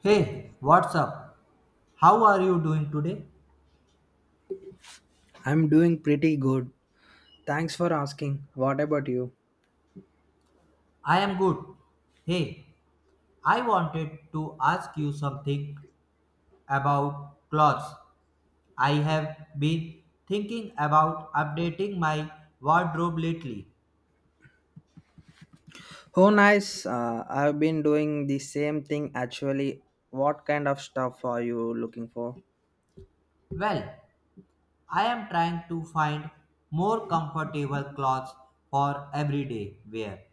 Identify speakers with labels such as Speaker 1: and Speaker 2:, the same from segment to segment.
Speaker 1: Hey, what's up? How are you doing today?
Speaker 2: I'm doing pretty good. Thanks for asking. What about you?
Speaker 1: I am good. Hey, I wanted to ask you something about clothes. I have been thinking about updating my wardrobe lately.
Speaker 2: Oh, nice. I've been doing the same thing actually. What kind of stuff are you looking for?
Speaker 1: Well, I am trying to find more comfortable clothes for everyday wear.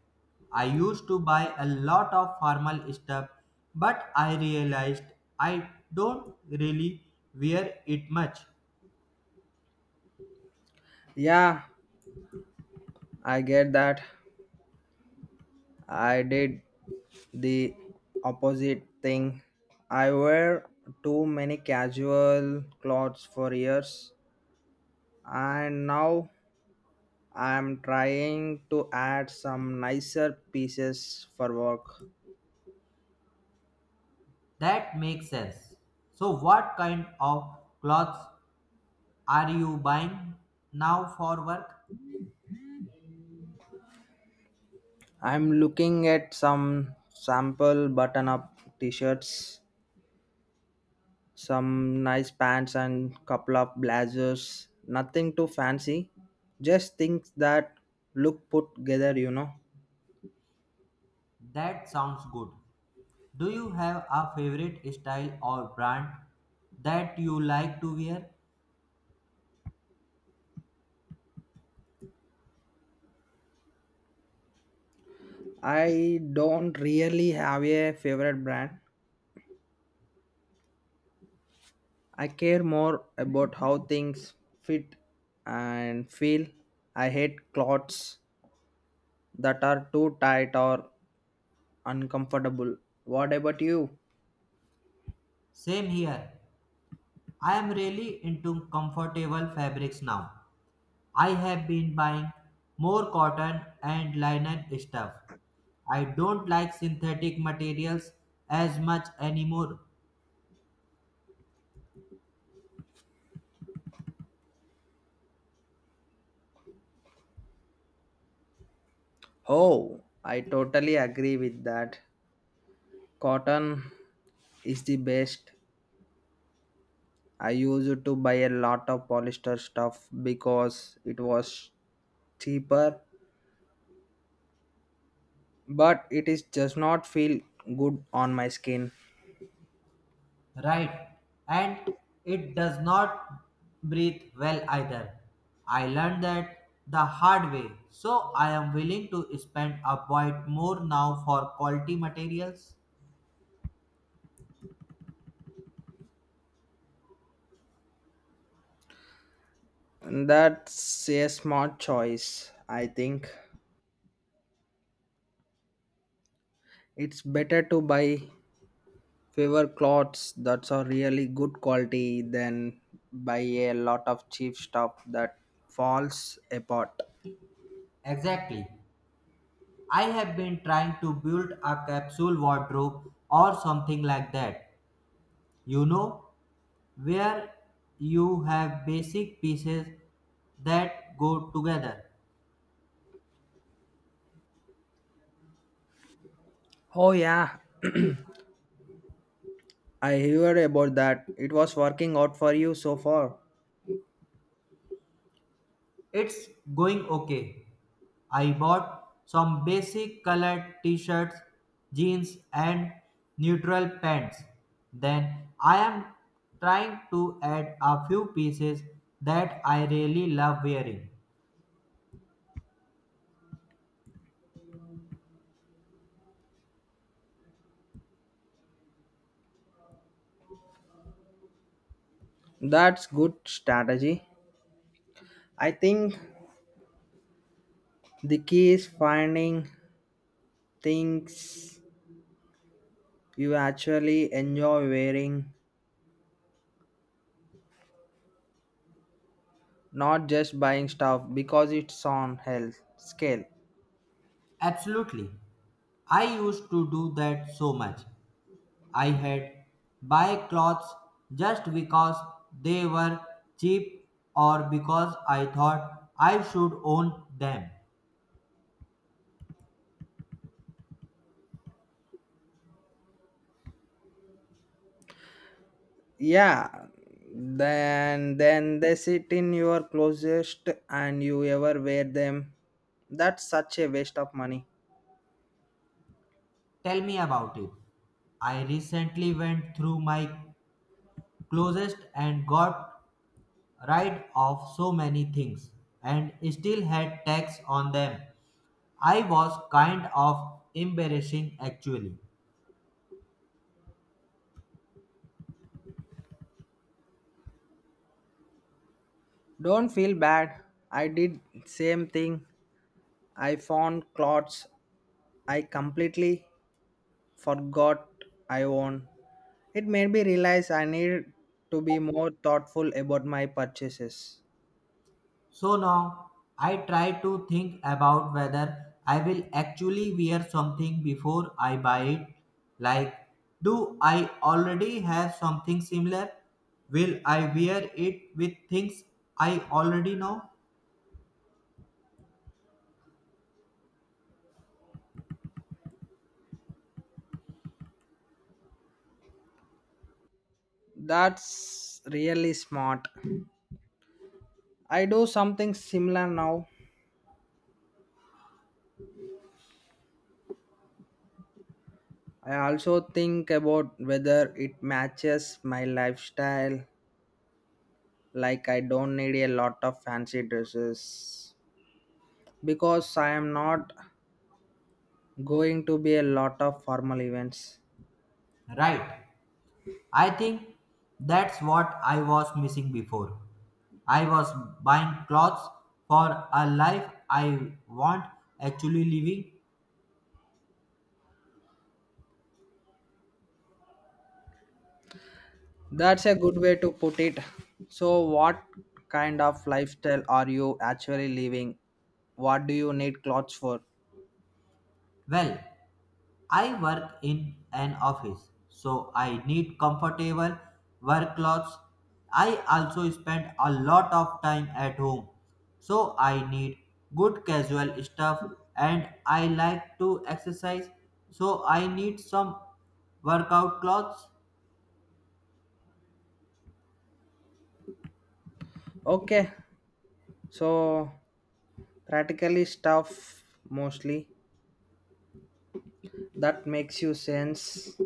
Speaker 1: I used to buy a lot of formal stuff, but I realized I don't really wear it much.
Speaker 2: Yeah, I get that. I did the opposite thing. I wear too many casual clothes for years, and now I'm trying to add some nicer pieces for work.
Speaker 1: That makes sense. So, what kind of clothes are you buying now for work?
Speaker 2: I'm looking at some sample button up t shirts, some nice pants, and couple of blazers. Nothing too fancy, just things that look put together,
Speaker 1: That sounds good. Do you have a favorite style or brand that you like to wear?
Speaker 2: I don't really have a favorite brand. I care more about how things fit and feel. I hate clothes that are too tight or uncomfortable. What about you?
Speaker 1: Same here. I am really into comfortable fabrics now. I have been buying more cotton and linen stuff. I don't like synthetic materials as much anymore,
Speaker 2: Oh, I totally agree with that. Cotton is the best. I used to buy a lot of polyester stuff because it was cheaper, but it is just not feel good on my skin.
Speaker 1: right? And it does not breathe well either. I learned that the hard way, so I am willing to spend a bit more now for quality materials.
Speaker 2: That's a smart choice, I think. It's better to buy fewer clothes that are really good quality than buy a lot of cheap stuff that falls apart.
Speaker 1: Exactly. I have been trying to build a capsule wardrobe or something like that, you know, where you have basic pieces that go together.
Speaker 2: Oh yeah, I heard about that. It was working out for you so far.
Speaker 1: It's going okay. I bought some basic colored t shirts, jeans, and neutral pants. Then I am trying to add a few pieces that I really love wearing.
Speaker 2: That's good strategy. I think the key is finding things you actually enjoy wearing, not just buying stuff because it's on health scale.
Speaker 1: Absolutely. I used to do that so much. I had buy clothes just because they were cheap or because I thought I should own them.
Speaker 2: Yeah. Then they sit in your closest and you ever wear them. That's such a waste of money.
Speaker 1: Tell me about it. I recently went through my closest and got rid of so many things and still had tax on them. I was kind of embarrassing actually.
Speaker 2: Don't feel bad. I did same thing. I found clothes I completely forgot I own. It made me realize I need to be more thoughtful about my purchases.
Speaker 1: So now I try to think about whether I will actually wear something before I buy it. Like, do I already have something similar? Will I wear it with things I already know?
Speaker 2: That's really smart. I do something similar now. I also think about whether it matches my lifestyle, like I don't need a lot of fancy dresses because I am not going to be a lot of formal events.
Speaker 1: Right. I think that's what I was missing before. I was buying clothes for a life I want actually living.
Speaker 2: That's a good way to put it. So, what kind of lifestyle are you actually living? What do you need clothes for?
Speaker 1: Well, I work in an office, so I need comfortable work clothes. I also spend a lot of time at home, so I need good casual stuff and I like to exercise, so I need some workout clothes.
Speaker 2: Okay, so practically stuff mostly. That makes you sense.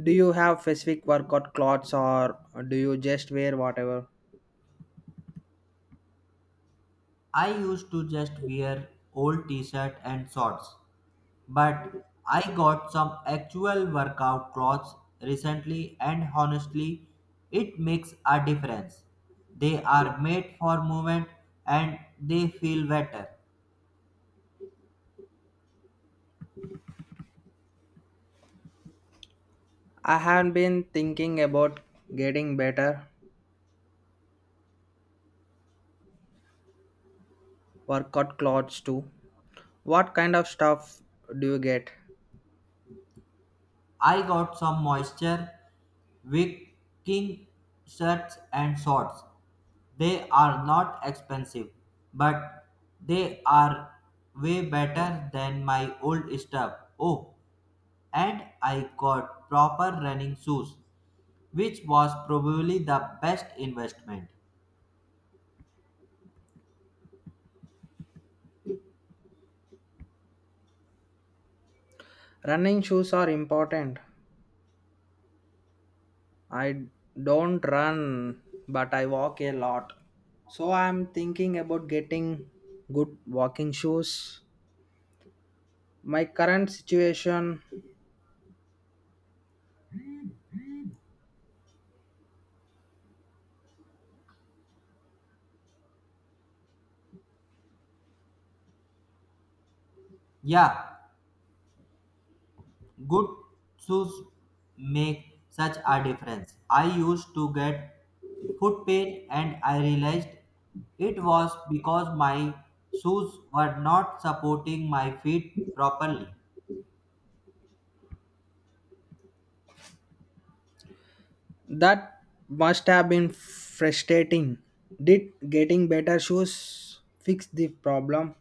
Speaker 2: Do you have specific workout clothes or do you just wear whatever?
Speaker 1: I used to just wear old t-shirt and shorts, but I got some actual workout clothes recently and honestly it makes a difference. They are made for movement and they feel better.
Speaker 2: I have been thinking about getting better workout clothes too. What kind of stuff do you get?
Speaker 1: I got some moisture wicking shirts and shorts. They are not expensive, but they are way better than my old stuff. Oh, and I got proper running shoes, which was probably the best investment.
Speaker 2: Running shoes are important, I don't run, but I walk a lot. So I'm thinking about getting good walking shoes. My current situation
Speaker 1: Yeah, good shoes make such a difference. I used to get foot pain and I realized it was because my shoes were not supporting my feet properly.
Speaker 2: that must have been frustrating. Did getting better shoes fix the problem?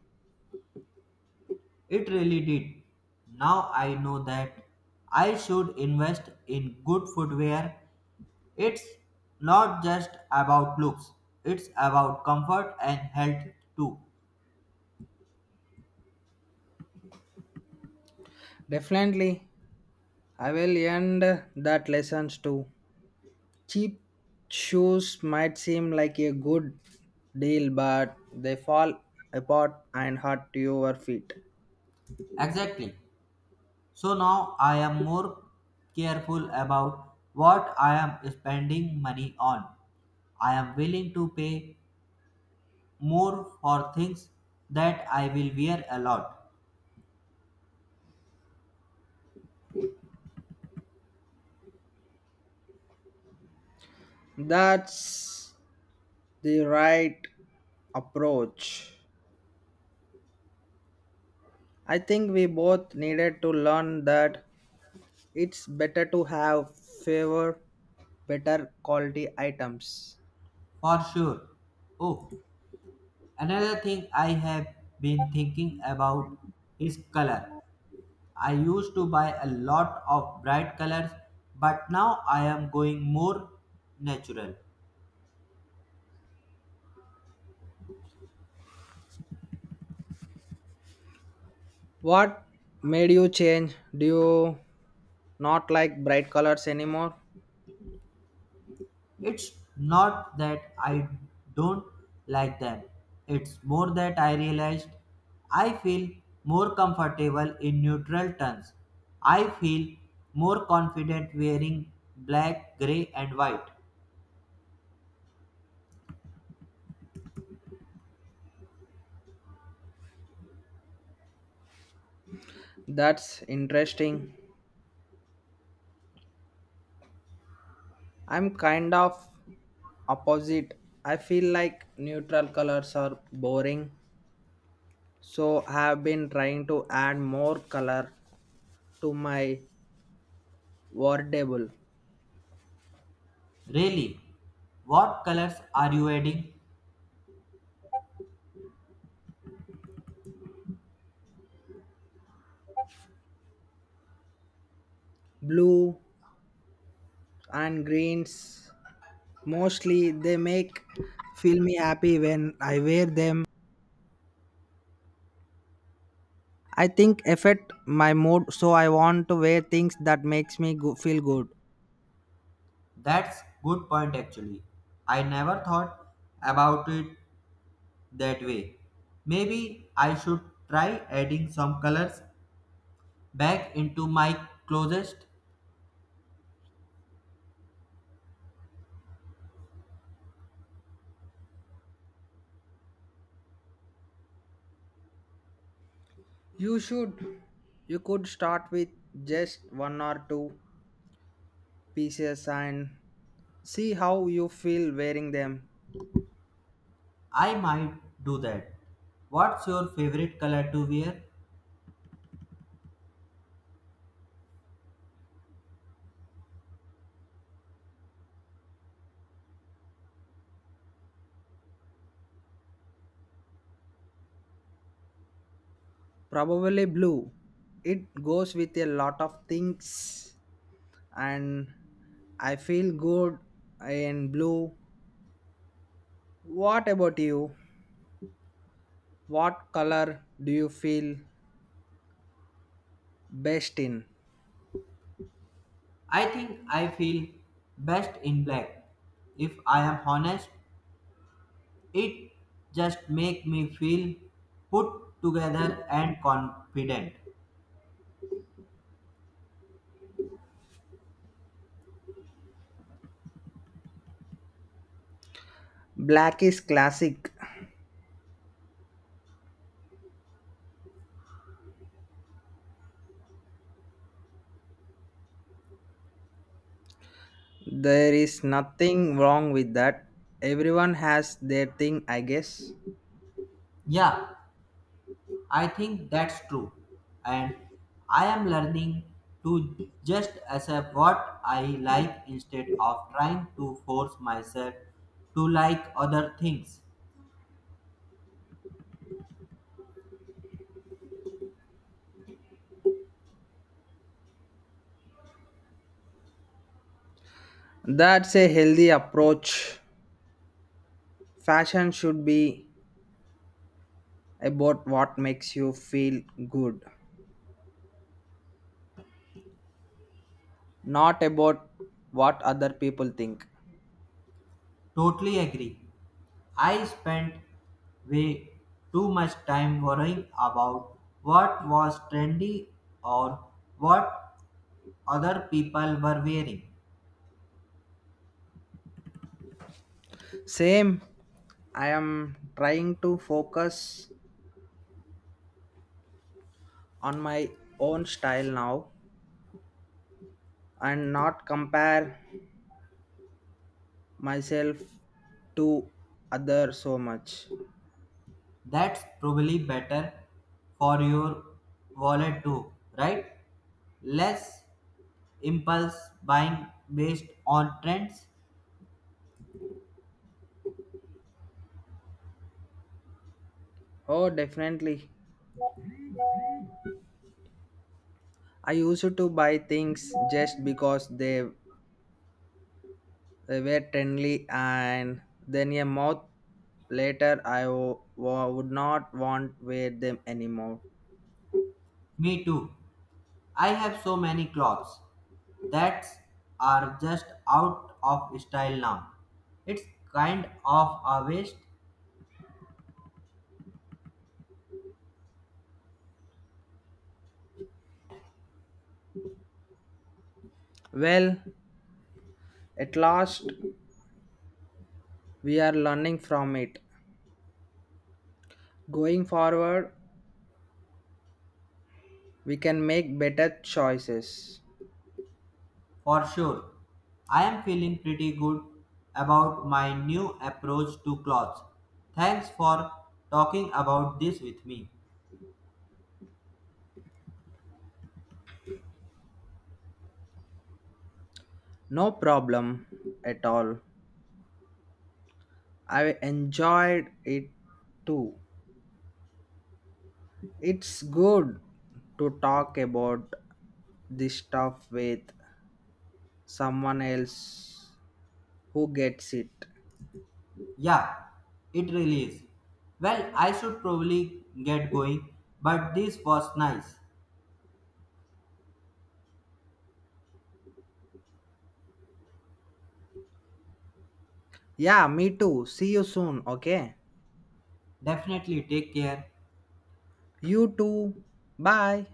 Speaker 1: It really did. Now I know that I should invest in good footwear. It's not just about looks, it's about comfort and health too.
Speaker 2: Definitely. I will end that lessons too. Cheap shoes might seem like a good deal, but they fall apart and hurt your feet.
Speaker 1: Exactly. So now I am more careful about what I am spending money on. I am willing to pay more for things that I will wear a lot,
Speaker 2: That's the right approach. I think we both needed to learn that it's better to have favor better quality items.
Speaker 1: for sure. Oh, another thing I have been thinking about is color. I used to buy a lot of bright colors, but now I am going more natural.
Speaker 2: What made you change? Do you not like bright colors anymore?
Speaker 1: It's not that I don't like them. It's more that I realized I feel more comfortable in neutral tones. I feel more confident wearing black, grey, and white.
Speaker 2: That's interesting. I'm kind of opposite. I feel like neutral colors are boring. So I have been trying to add more color to my Wardable.
Speaker 1: Really, what colors are you adding?
Speaker 2: Blue and greens. Mostly they make feel me happy when I wear them. I think affect my mood so I want to wear things that makes feel good.
Speaker 1: That's good point actually. I never thought about it that way. Maybe I should try adding some colors back into my closest.
Speaker 2: You should. You could start with just one or two pieces and see how you feel wearing them.
Speaker 1: I might do that. What's your favorite color to wear?
Speaker 2: Probably blue. It goes with a lot of things and I feel good in blue. What about you? What color do you feel best in?
Speaker 1: I think I feel best in black. If I am honest, it just makes me feel put together and confident.
Speaker 2: Black is classic. There is nothing wrong with that. Everyone has their thing, I guess.
Speaker 1: Yeah, I think that's true. And I am learning to just accept what I like instead of trying to force myself to like other things.
Speaker 2: That's a healthy approach. Fashion should be about what makes you feel good, not about what other people think.
Speaker 1: Totally agree. I spent way too much time worrying about what was trendy or what other people were wearing.
Speaker 2: Same, I am trying to focus on my own style now and not compare myself to others so much.
Speaker 1: That's probably better for your wallet too, right? Less impulse buying based on trends.
Speaker 2: Oh, definitely. I used to buy things just because they were trendy, and then a month later, would not want wear them anymore.
Speaker 1: Me too. I have so many clothes that are just out of style now. It's kind of a waste.
Speaker 2: Well, at last, we are learning from it. Going forward, we can make better choices.
Speaker 1: For sure. I am feeling pretty good about my new approach to clothes. Thanks for talking about this with me.
Speaker 2: No problem at all. I enjoyed it too. It's good to talk about this stuff with someone else who gets it.
Speaker 1: Yeah, it really is. Well, I should probably get going, but this was nice.
Speaker 2: Yeah, me too. See you soon, okay?
Speaker 1: Definitely take care.
Speaker 2: You too. Bye.